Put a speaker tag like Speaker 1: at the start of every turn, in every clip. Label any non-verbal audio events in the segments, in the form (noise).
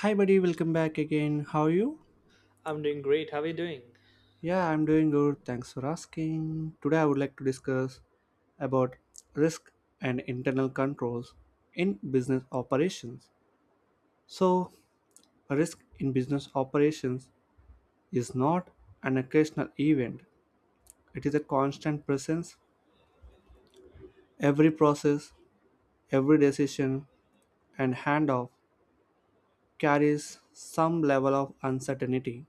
Speaker 1: Hi, buddy, welcome back again. How are you?
Speaker 2: I'm doing great. How are you doing?
Speaker 1: Yeah, I'm doing good. Thanks for asking. Today, I would like to discuss about risk and internal controls in business operations. So, risk in business operations is not an occasional event, it is a constant presence. Every process, every decision, and handoff carries some level of uncertainty.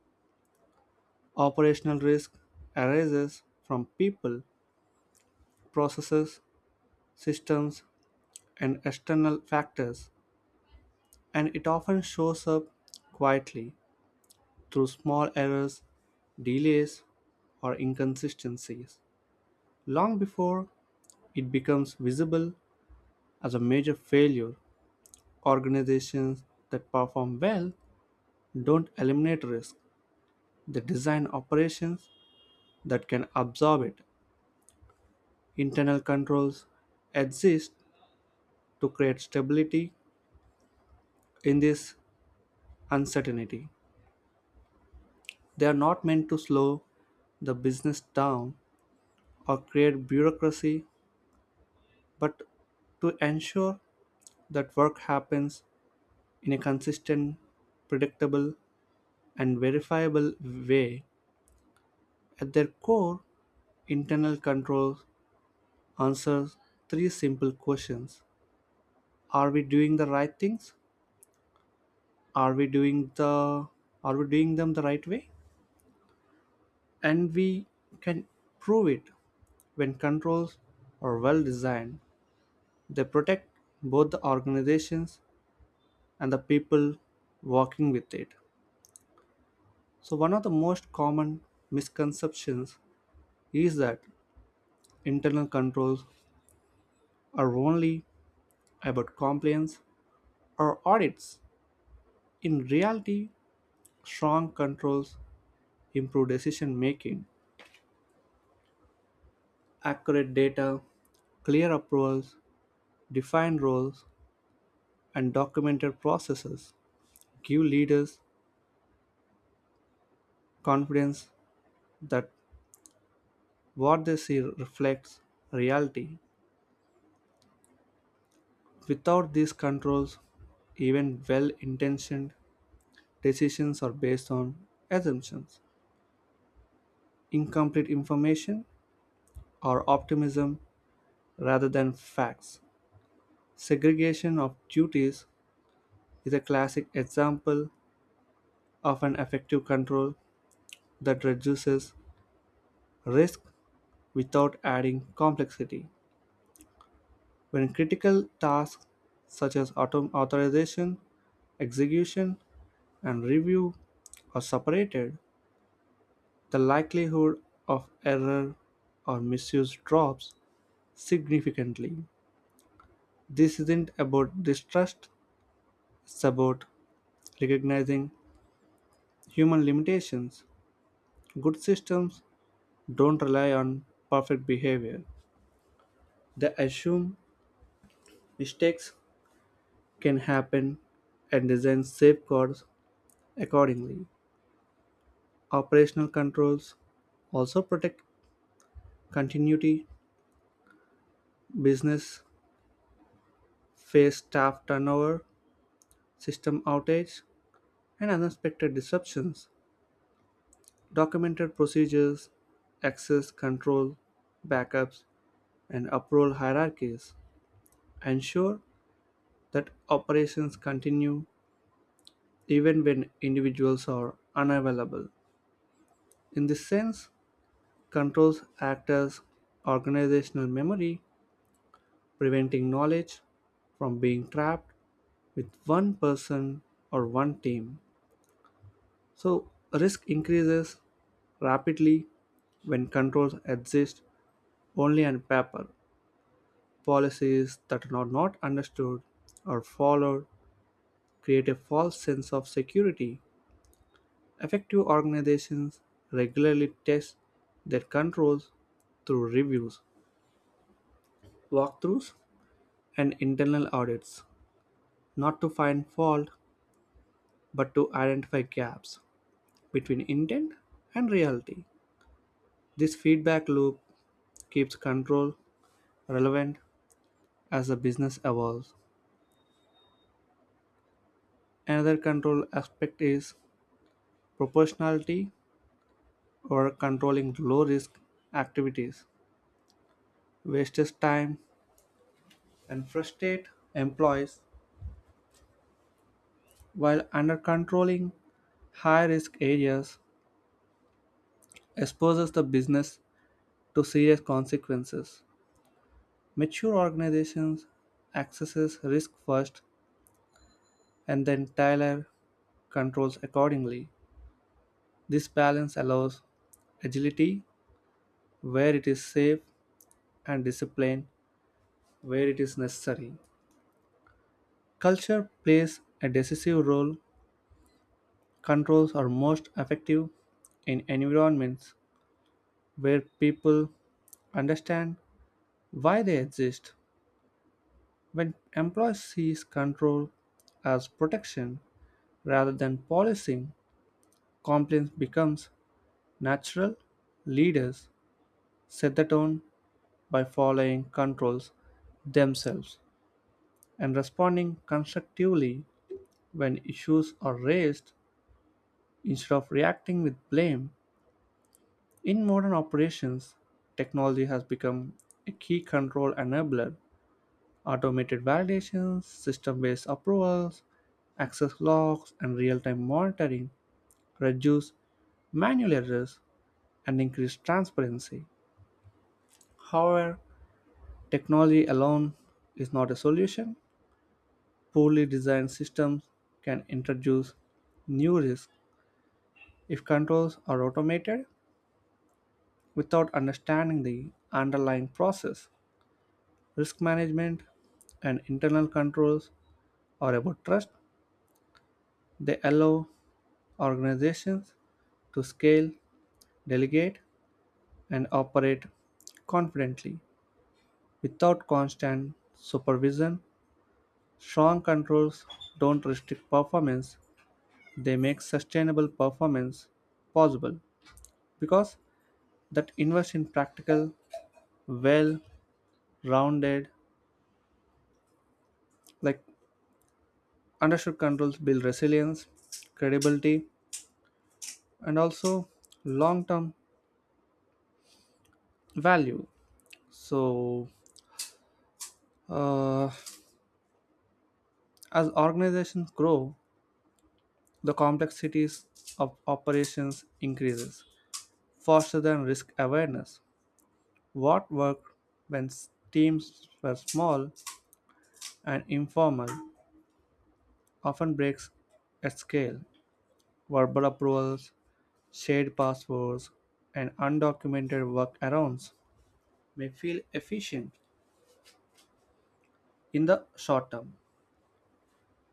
Speaker 1: Operational risk arises from people, processes, systems, and external factors, and it often shows up quietly through small errors, delays, or inconsistencies long before it becomes visible as a major failure. Organizations that perform well don't eliminate risk, they design operations that can absorb it. Internal controls exist to create stability in this uncertainty. They are not meant to slow the business down or create bureaucracy, but to ensure that work happens in a consistent, predictable, and verifiable way. At their core, internal control answers three simple questions. Are we doing the right things? Are we doing the are we doing them the right way? And we can prove it when controls are well designed. They protect both the organizations and the people working with it. So, one of the most common misconceptions is that internal controls are only about compliance or audits. In reality, strong controls improve decision making, accurate data, clear approvals, defined roles, and documented processes give leaders confidence that what they see reflects reality. Without these controls, even well intentioned decisions are based on assumptions, incomplete information, or optimism rather than facts. Segregation of duties is a classic example of an effective control that reduces risk without adding complexity. When critical tasks such as authorization, execution, and review are separated, the likelihood of error or misuse drops significantly. This isn't about distrust, it's about recognizing human limitations. Good systems don't rely on perfect behavior, they assume mistakes can happen and design safeguards accordingly. Operational controls also protect continuity. Business face staff turnover, system outage, and unexpected disruptions. Documented procedures, access control, backups, and uproar hierarchies ensure that operations continue even when individuals are unavailable. In this sense, controls act as organizational memory, preventing knowledge from being trapped with one person or one team. So, risk increases rapidly when controls exist only on paper. Policies that are not understood or followed create a false sense of security. Effective organizations regularly test their controls through reviews, walkthroughs, and internal audits, not to find fault but to identify gaps between intent and reality. This feedback loop keeps control relevant as the business evolves. Another control aspect is proportionality, or controlling low risk activities wastes time and frustrates employees, while under controlling high risk areas exposes the business to serious consequences. Mature organizations accesses risk first and then tailor controls accordingly. This balance allows agility where it is safe and discipline where it is necessary. Culture plays a decisive role. Controls are most effective in environments where people understand why they exist. When employees see control as protection rather than policing, compliance becomes natural. Leaders set the tone by following controls themselves and responding constructively when issues are raised instead of reacting with blame. In modern operations, technology has become a key control enabler. Automated validations, system based approvals, access logs, and real time monitoring reduce manual errors and increase transparency. However, technology alone is not a solution. Poorly designed systems can introduce new risks if controls are automated without understanding the underlying process. Risk management and internal controls are about trust. They allow organizations to scale, delegate, and operate confidently without constant supervision. Strong controls don't restrict performance, they make sustainable performance possible because that invest in practical, well rounded, like understood controls build resilience, credibility, and also long term value. So, uh, as organizations grow, the complexities of operations increases faster than risk awareness. What worked when teams were small and informal often breaks at scale. Verbal approvals, shared passwords, and undocumented workarounds may feel efficient in the short term,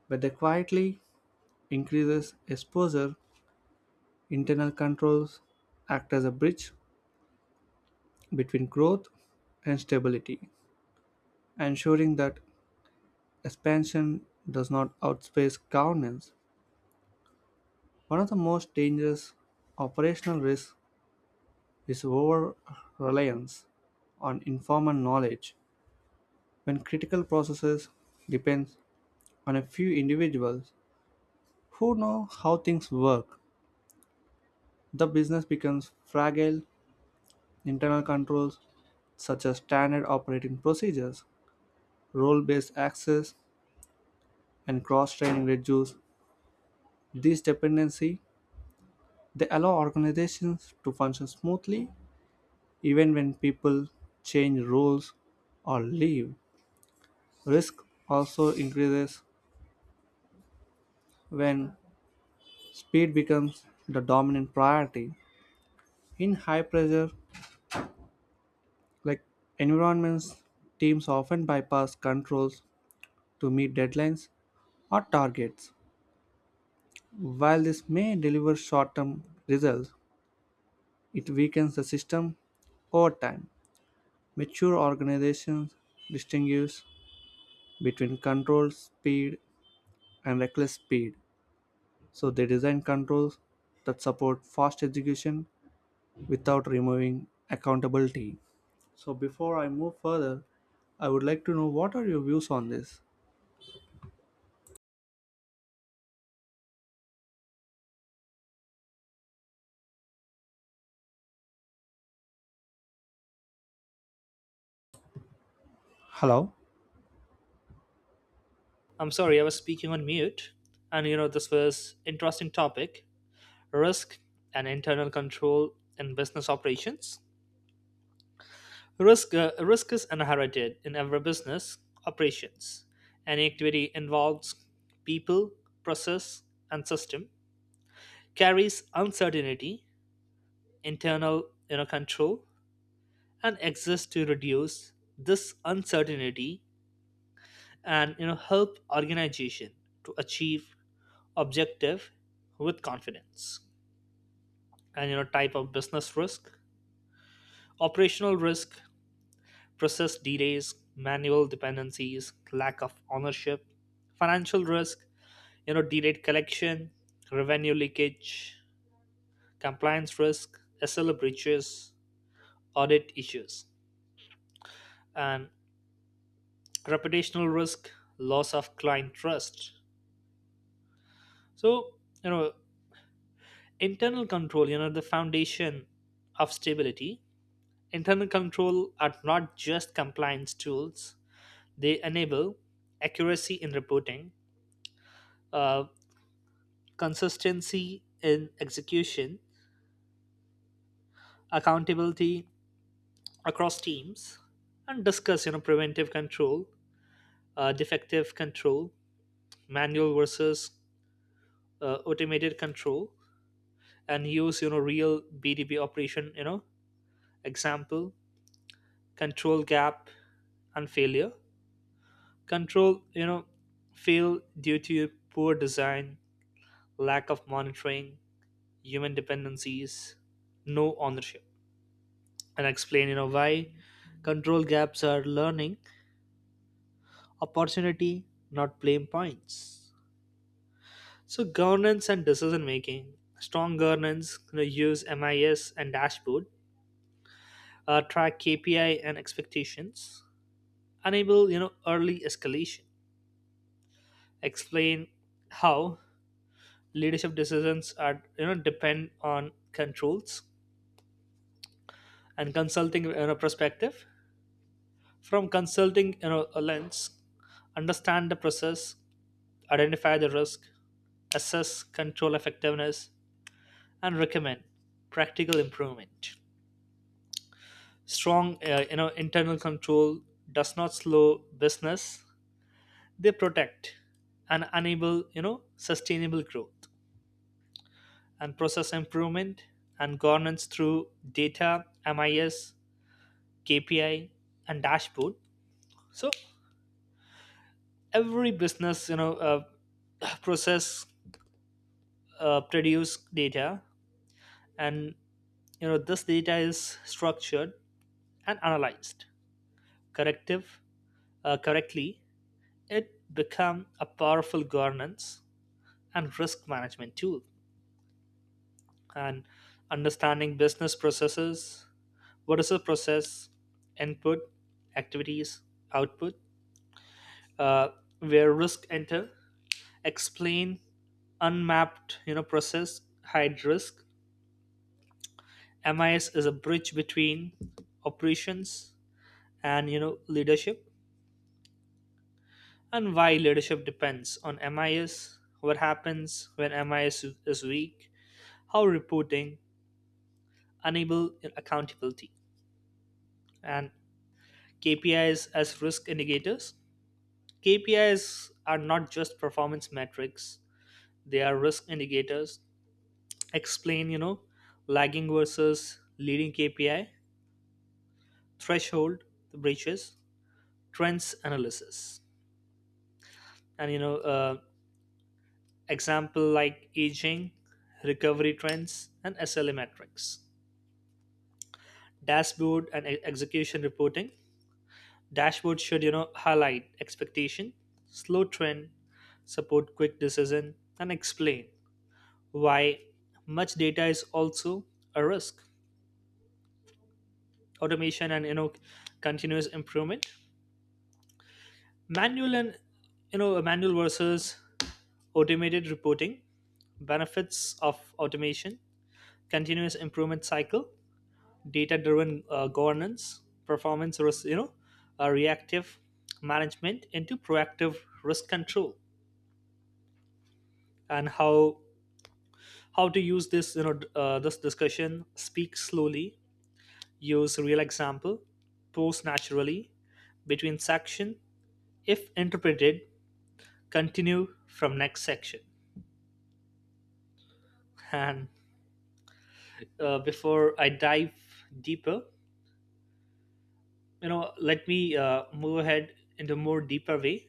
Speaker 1: but they quietly increases exposure. Internal controls act as a bridge between growth and stability, ensuring that expansion does not outpace governance. One of the most dangerous operational risks is over reliance on informal knowledge. When critical processes depend on a few individuals who know how things work, the business becomes fragile. Internal controls such as standard operating procedures, role based access, and cross-training reduce this dependency. They allow organizations to function smoothly even when people change roles or leave. Risk also increases when speed becomes the dominant priority. In high pressure like environments, teams often bypass controls to meet deadlines or targets. While this may deliver short term results, it weakens the system over time. Mature organizations distinguish between controlled speed and reckless speed, so they design controls that support fast execution without removing accountability. So before I move further, I would like to know what are your views on this? Hello?
Speaker 2: I'm sorry, I was speaking on mute. And this was interesting topic: risk and internal control in business operations. Risk is inherited in every business operations. Any activity involves people, process, and system carries uncertainty, internal control, and exists to reduce this uncertainty and help organization to achieve objective with confidence and type of business risk. Operational risk: process delays, manual dependencies, lack of ownership. Financial risk: delayed collection, revenue leakage. Compliance risk: SLA breaches, audit issues. And reputational risk: loss of client trust. So, you know internal control, the foundation of stability. Internal control are not just compliance tools, they enable accuracy in reporting, uh, consistency in execution, accountability across teams, and discuss preventive control, defective control, manual versus automated control, and use real BDB operation example. Control gap and failure. Control fail due to poor design, lack of monitoring, human dependencies, no ownership. And I explain, why control gaps are learning opportunity, not blame points. So governance and decision making. Strong governance, use MIS and dashboard, track KPI and expectations, enable early escalation. Explain how leadership decisions are depend on controls, and consulting perspective from consulting a lens, understand the process, identify the risk, assess control effectiveness, and recommend practical improvement. Strong internal control does not slow business, they protect and enable sustainable growth and process improvement and governance through data, MIS, KPI, and dashboard. So every business (clears throat) process produce data, and this data is structured and analyzed corrective correctly, it become a powerful governance and risk management tool. And understanding business processes. What is a process? Input, activities, output, uh, where risk enter. Explain unmapped process hide risk. MIS is a bridge between operations and leadership. And why leadership depends on MIS. What happens when MIS is weak. How reporting enable accountability. And KPIs as risk indicators. KPIs are not just performance metrics, they are risk indicators. Explain lagging versus leading KPI, threshold breaches, trends analysis, and example like aging, recovery trends, and SLA metrics. Dashboard and execution reporting. Dashboard should highlight expectation, slow trend, support quick decision, and explain why much data is also a risk. Automation and continuous improvement. Manual and you know manual versus automated reporting, benefits of automation, continuous improvement cycle, data driven governance, performance risk reactive management into proactive risk control. And how to use this this discussion. Speak slowly, use real example, pose naturally between section, if interpreted continue from next section. And before I dive deeper, let me move ahead into more deeper way.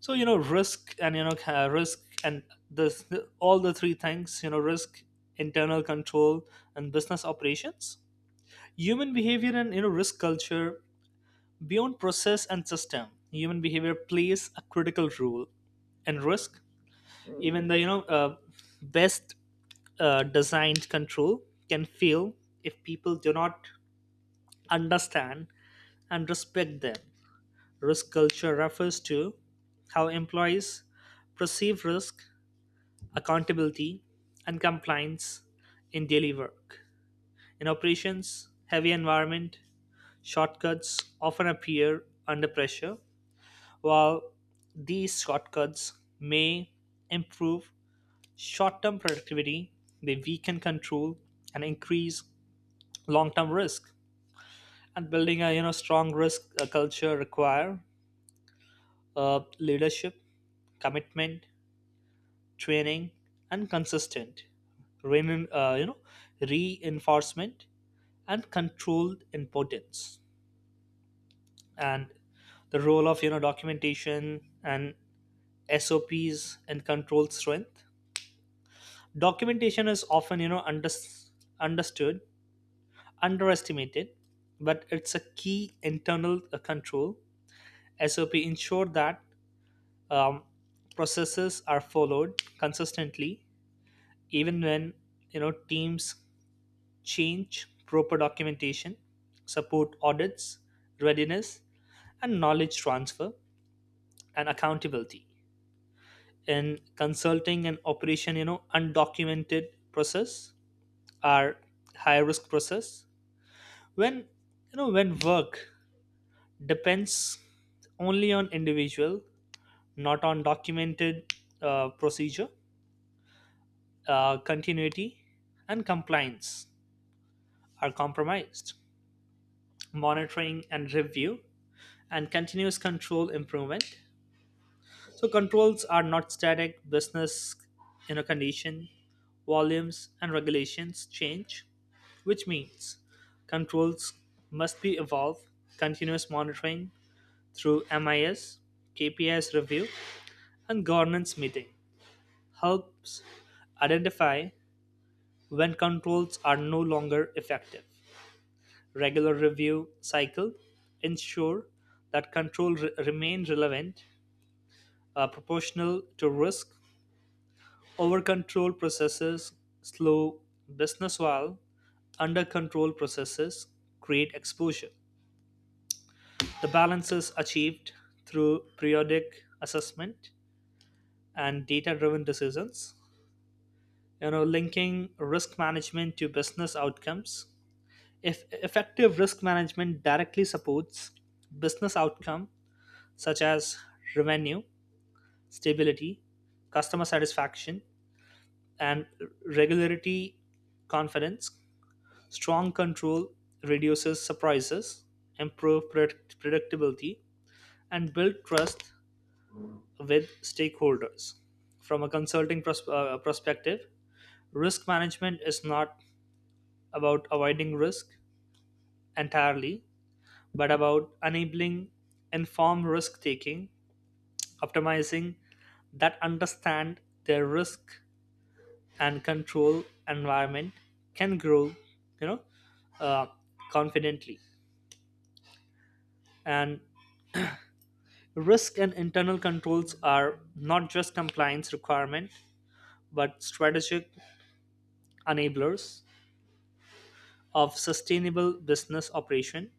Speaker 2: So risk and this all the three things, risk, internal control, and business operations. Human behavior and risk culture. Beyond process and system, human behavior plays a critical role in risk. Even the best designed control can fail if people do not understand and respect them. Risk culture refers to how employees perceive risk, accountability, and compliance in daily work. In operations, heavy environment, shortcuts often appear under pressure. While these shortcuts may improve short term productivity, they weaken control and increase long term risk. And building a strong risk culture require leadership, commitment, training, and consistent rein- uh, you know, reinforcement and controlled importance. And the role of documentation and SOPs and control strength. Documentation is often understood underestimated, but it's a key internal control. Sop ensure that um, processes are followed consistently even when teams change. Proper documentation support audits readiness and knowledge transfer and accountability in consulting and operation, undocumented process are high risk process. When you know when work depends only on individual, not on documented procedure, continuity and compliance are compromised. Monitoring and review and continuous control improvement. So controls are not static. Business, condition, volumes, and regulations change, which means controls must be evolved. Continuous monitoring through MIS, KPIs review, and governance meeting helps identify when controls are no longer effective. Regular review cycle ensure that control remain relevant, proportional to risk. Over control processes slow business while under control processes create exposure. The balance is achieved through periodic assessment and data driven decisions. Linking risk management to business outcomes. If effective risk management directly supports business outcome such as revenue, stability, customer satisfaction, and regularity confidence, strong control reduces surprises, improves predictability, and builds trust with stakeholders. From a consulting perspective, risk management is not about avoiding risk entirely, but about enabling informed risk taking, optimizing that understand their risk and control environment can grow, you know, uh, confidently. And risk and internal controls are not just compliance requirement but strategic enablers of sustainable business operation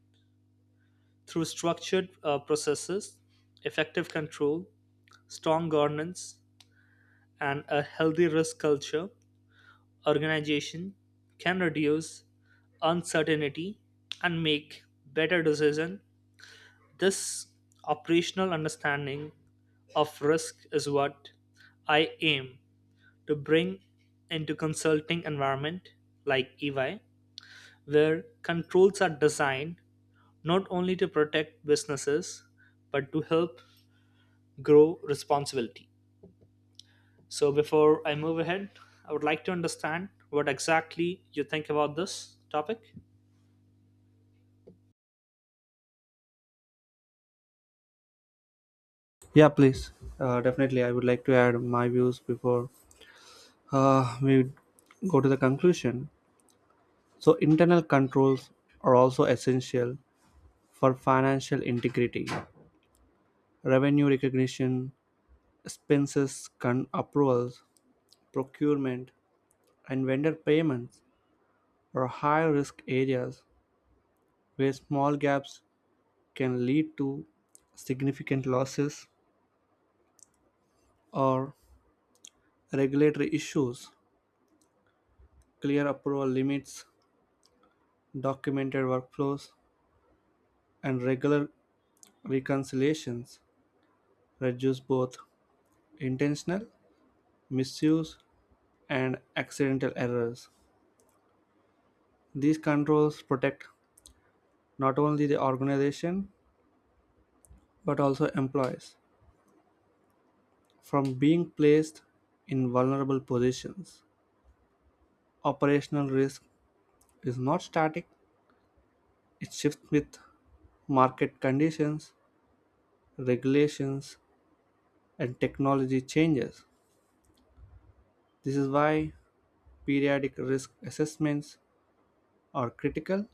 Speaker 2: through structured processes, effective control, strong governance, and a healthy risk culture. Organization can reduce uncertainty and make better decision. This operational understanding of risk is what I aim to bring into consulting environment like EY, where controls are designed not only to protect businesses but to help grow responsibility. So before I move ahead, I would like to understand what exactly you think about this topic.
Speaker 1: Yeah, please. Definitely, I would like to add my views before we go to the conclusion. So, internal controls are also essential for financial integrity, revenue recognition, expenses con approvals, procurement, and vendor payments are high risk areas where small gaps can lead to significant losses or regulatory issues. Clear approval limits, documented workflows, and regular reconciliations reduce both intentional misuse and accidental errors. These controls protect not only the organization but also employees from being placed in vulnerable positions. Operational risk is not static, it shifts with market conditions, regulations, and technology changes. This is why periodic risk assessments are critical.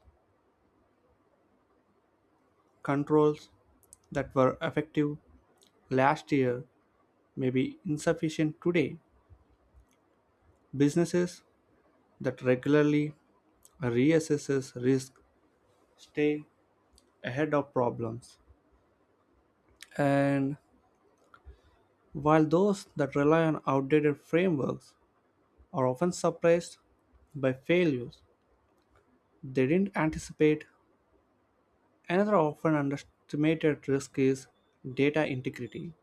Speaker 1: Controls that were effective last year may be insufficient today. Businesses that regularly reassess risk stay ahead of problems, and while those that rely on outdated frameworks are often surprised by failures they didn't anticipate, another often underestimated risk is data integrity.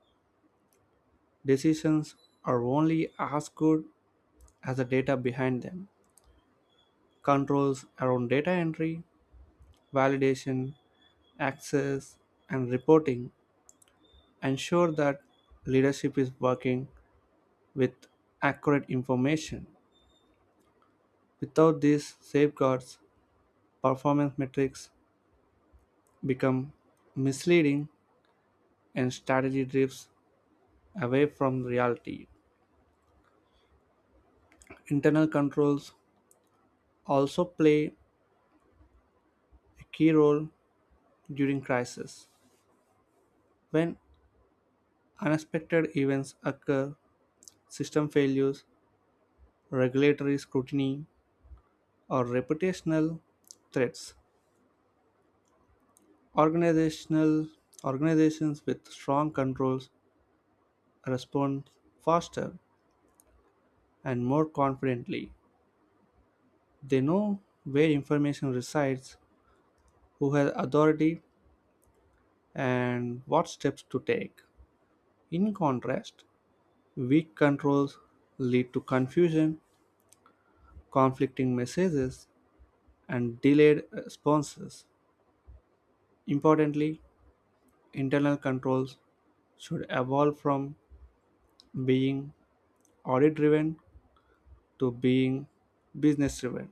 Speaker 1: Decisions are only as good as the data behind them. Controls around data entry, validation, access, and reporting ensure that leadership is working with accurate information. Without these safeguards, performance metrics become misleading and strategy drifts away from reality. Internal controls also play a key role during crisis. When unexpected events occur, system failures, regulatory scrutiny, or reputational threats, organizational organizations with strong controls respond faster and more confidently. They know where information resides, who has authority, and what steps to take. In contrast, weak controls lead to confusion, conflicting messages, and delayed responses. Importantly, internal controls should evolve from being audit driven to being business driven.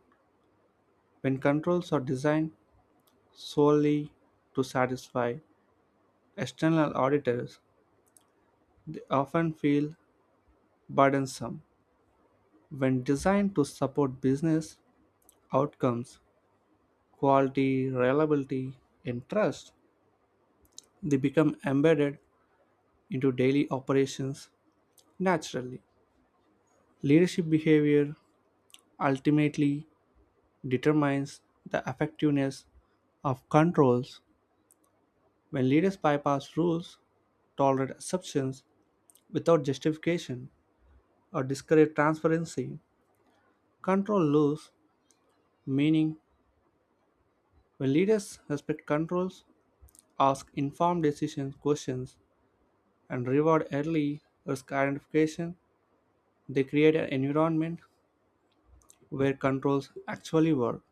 Speaker 1: When controls are designed solely to satisfy external auditors, they often feel burdensome. When designed to support business outcomes, quality, reliability, and trust, they become embedded into daily operations naturally. Leadership behavior ultimately determines the effectiveness of controls. When leaders bypass rules, tolerate assumptions without justification, or discourage transparency, control lose meaning. When leaders respect controls, ask informed decision questions, and reward early risk identification, they create an environment where controls actually work.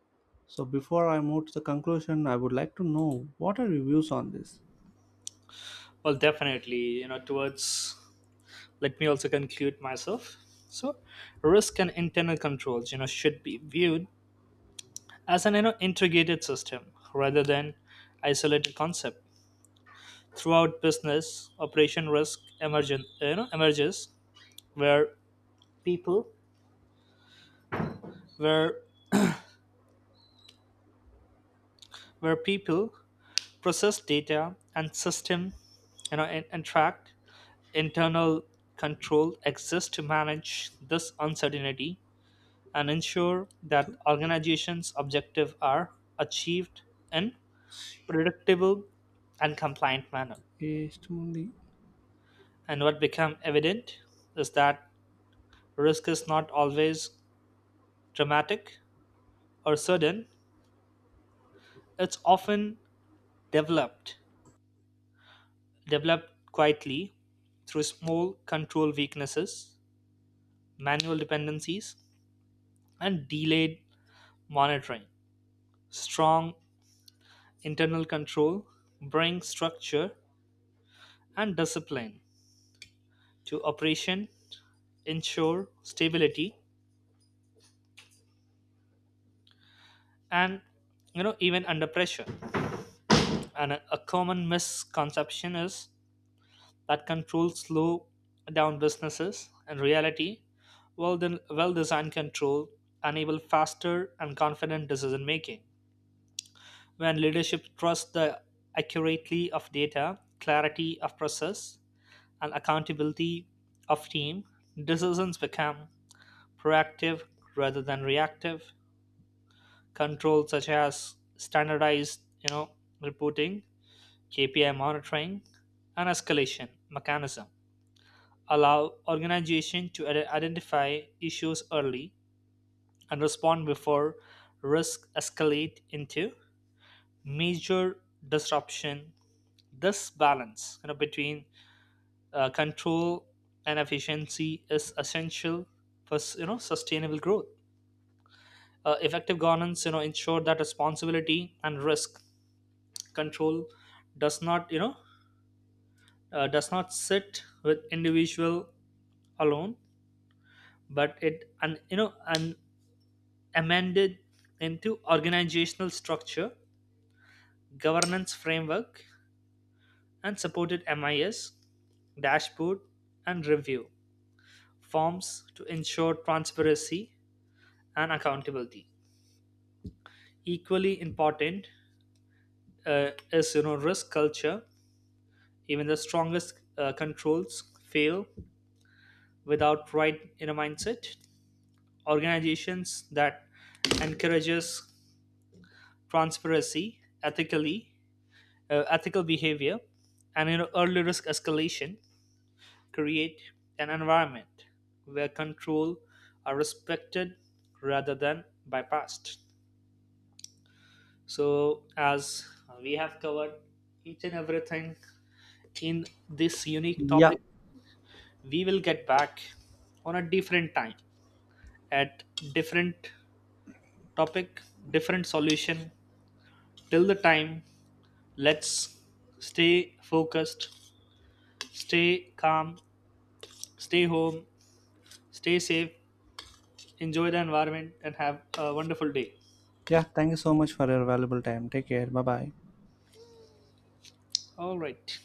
Speaker 1: So before I move to the conclusion, I would like to know what are your views on this?
Speaker 2: Well, definitely, towards let me also conclude myself. So, risk and internal controls, should be viewed as an integrated system rather than isolated concept. Throughout business operation, risk emergent you know emerges where people where where people, process, data, and system, and track. Internal control exists to manage this uncertainty and ensure that
Speaker 1: To-
Speaker 2: organizations objectives are achieved in predictable and compliant manner. And what become evident is that risk is not always dramatic or sudden. It's often developed developed quietly through small control weaknesses, manual dependencies, and delayed monitoring. Strong internal control brings structure and discipline to operation, ensure stability, and even under pressure. And a common misconception is that controls slow down businesses. In reality, well well designed control enable faster and confident decision making. When leadership trusts the accuracy of data, clarity of process, and accountability of team, decisions become proactive rather than reactive. Controls such as standardized, reporting, KPI monitoring, and escalation mechanism allow organizations to identify issues early and respond before risk escalate into major disruption. This balance between control and efficiency is essential for sustainable growth. Effective governance ensure that responsibility and risk control does not you know does not sit with individual alone, but it and and amended into organizational structure, governance framework, and supported MIS, dashboard, and review forms to ensure transparency and accountability. Equally important, is risk culture. Even the strongest controls fail without right inner mindset. Organizations that encourages transparency, ethical behavior, and early risk escalation create an environment where control are respected rather than bypassed. So, as we have covered each and everything in this unique
Speaker 1: Yeah,
Speaker 2: topic, we will get back on a different time at different topic, different solution. Till the time, let's stay focused, stay calm, stay home, stay safe, enjoy the environment, and have a wonderful day.
Speaker 1: yeah, thank you so much for your valuable time. Take care. Bye bye.
Speaker 2: All right.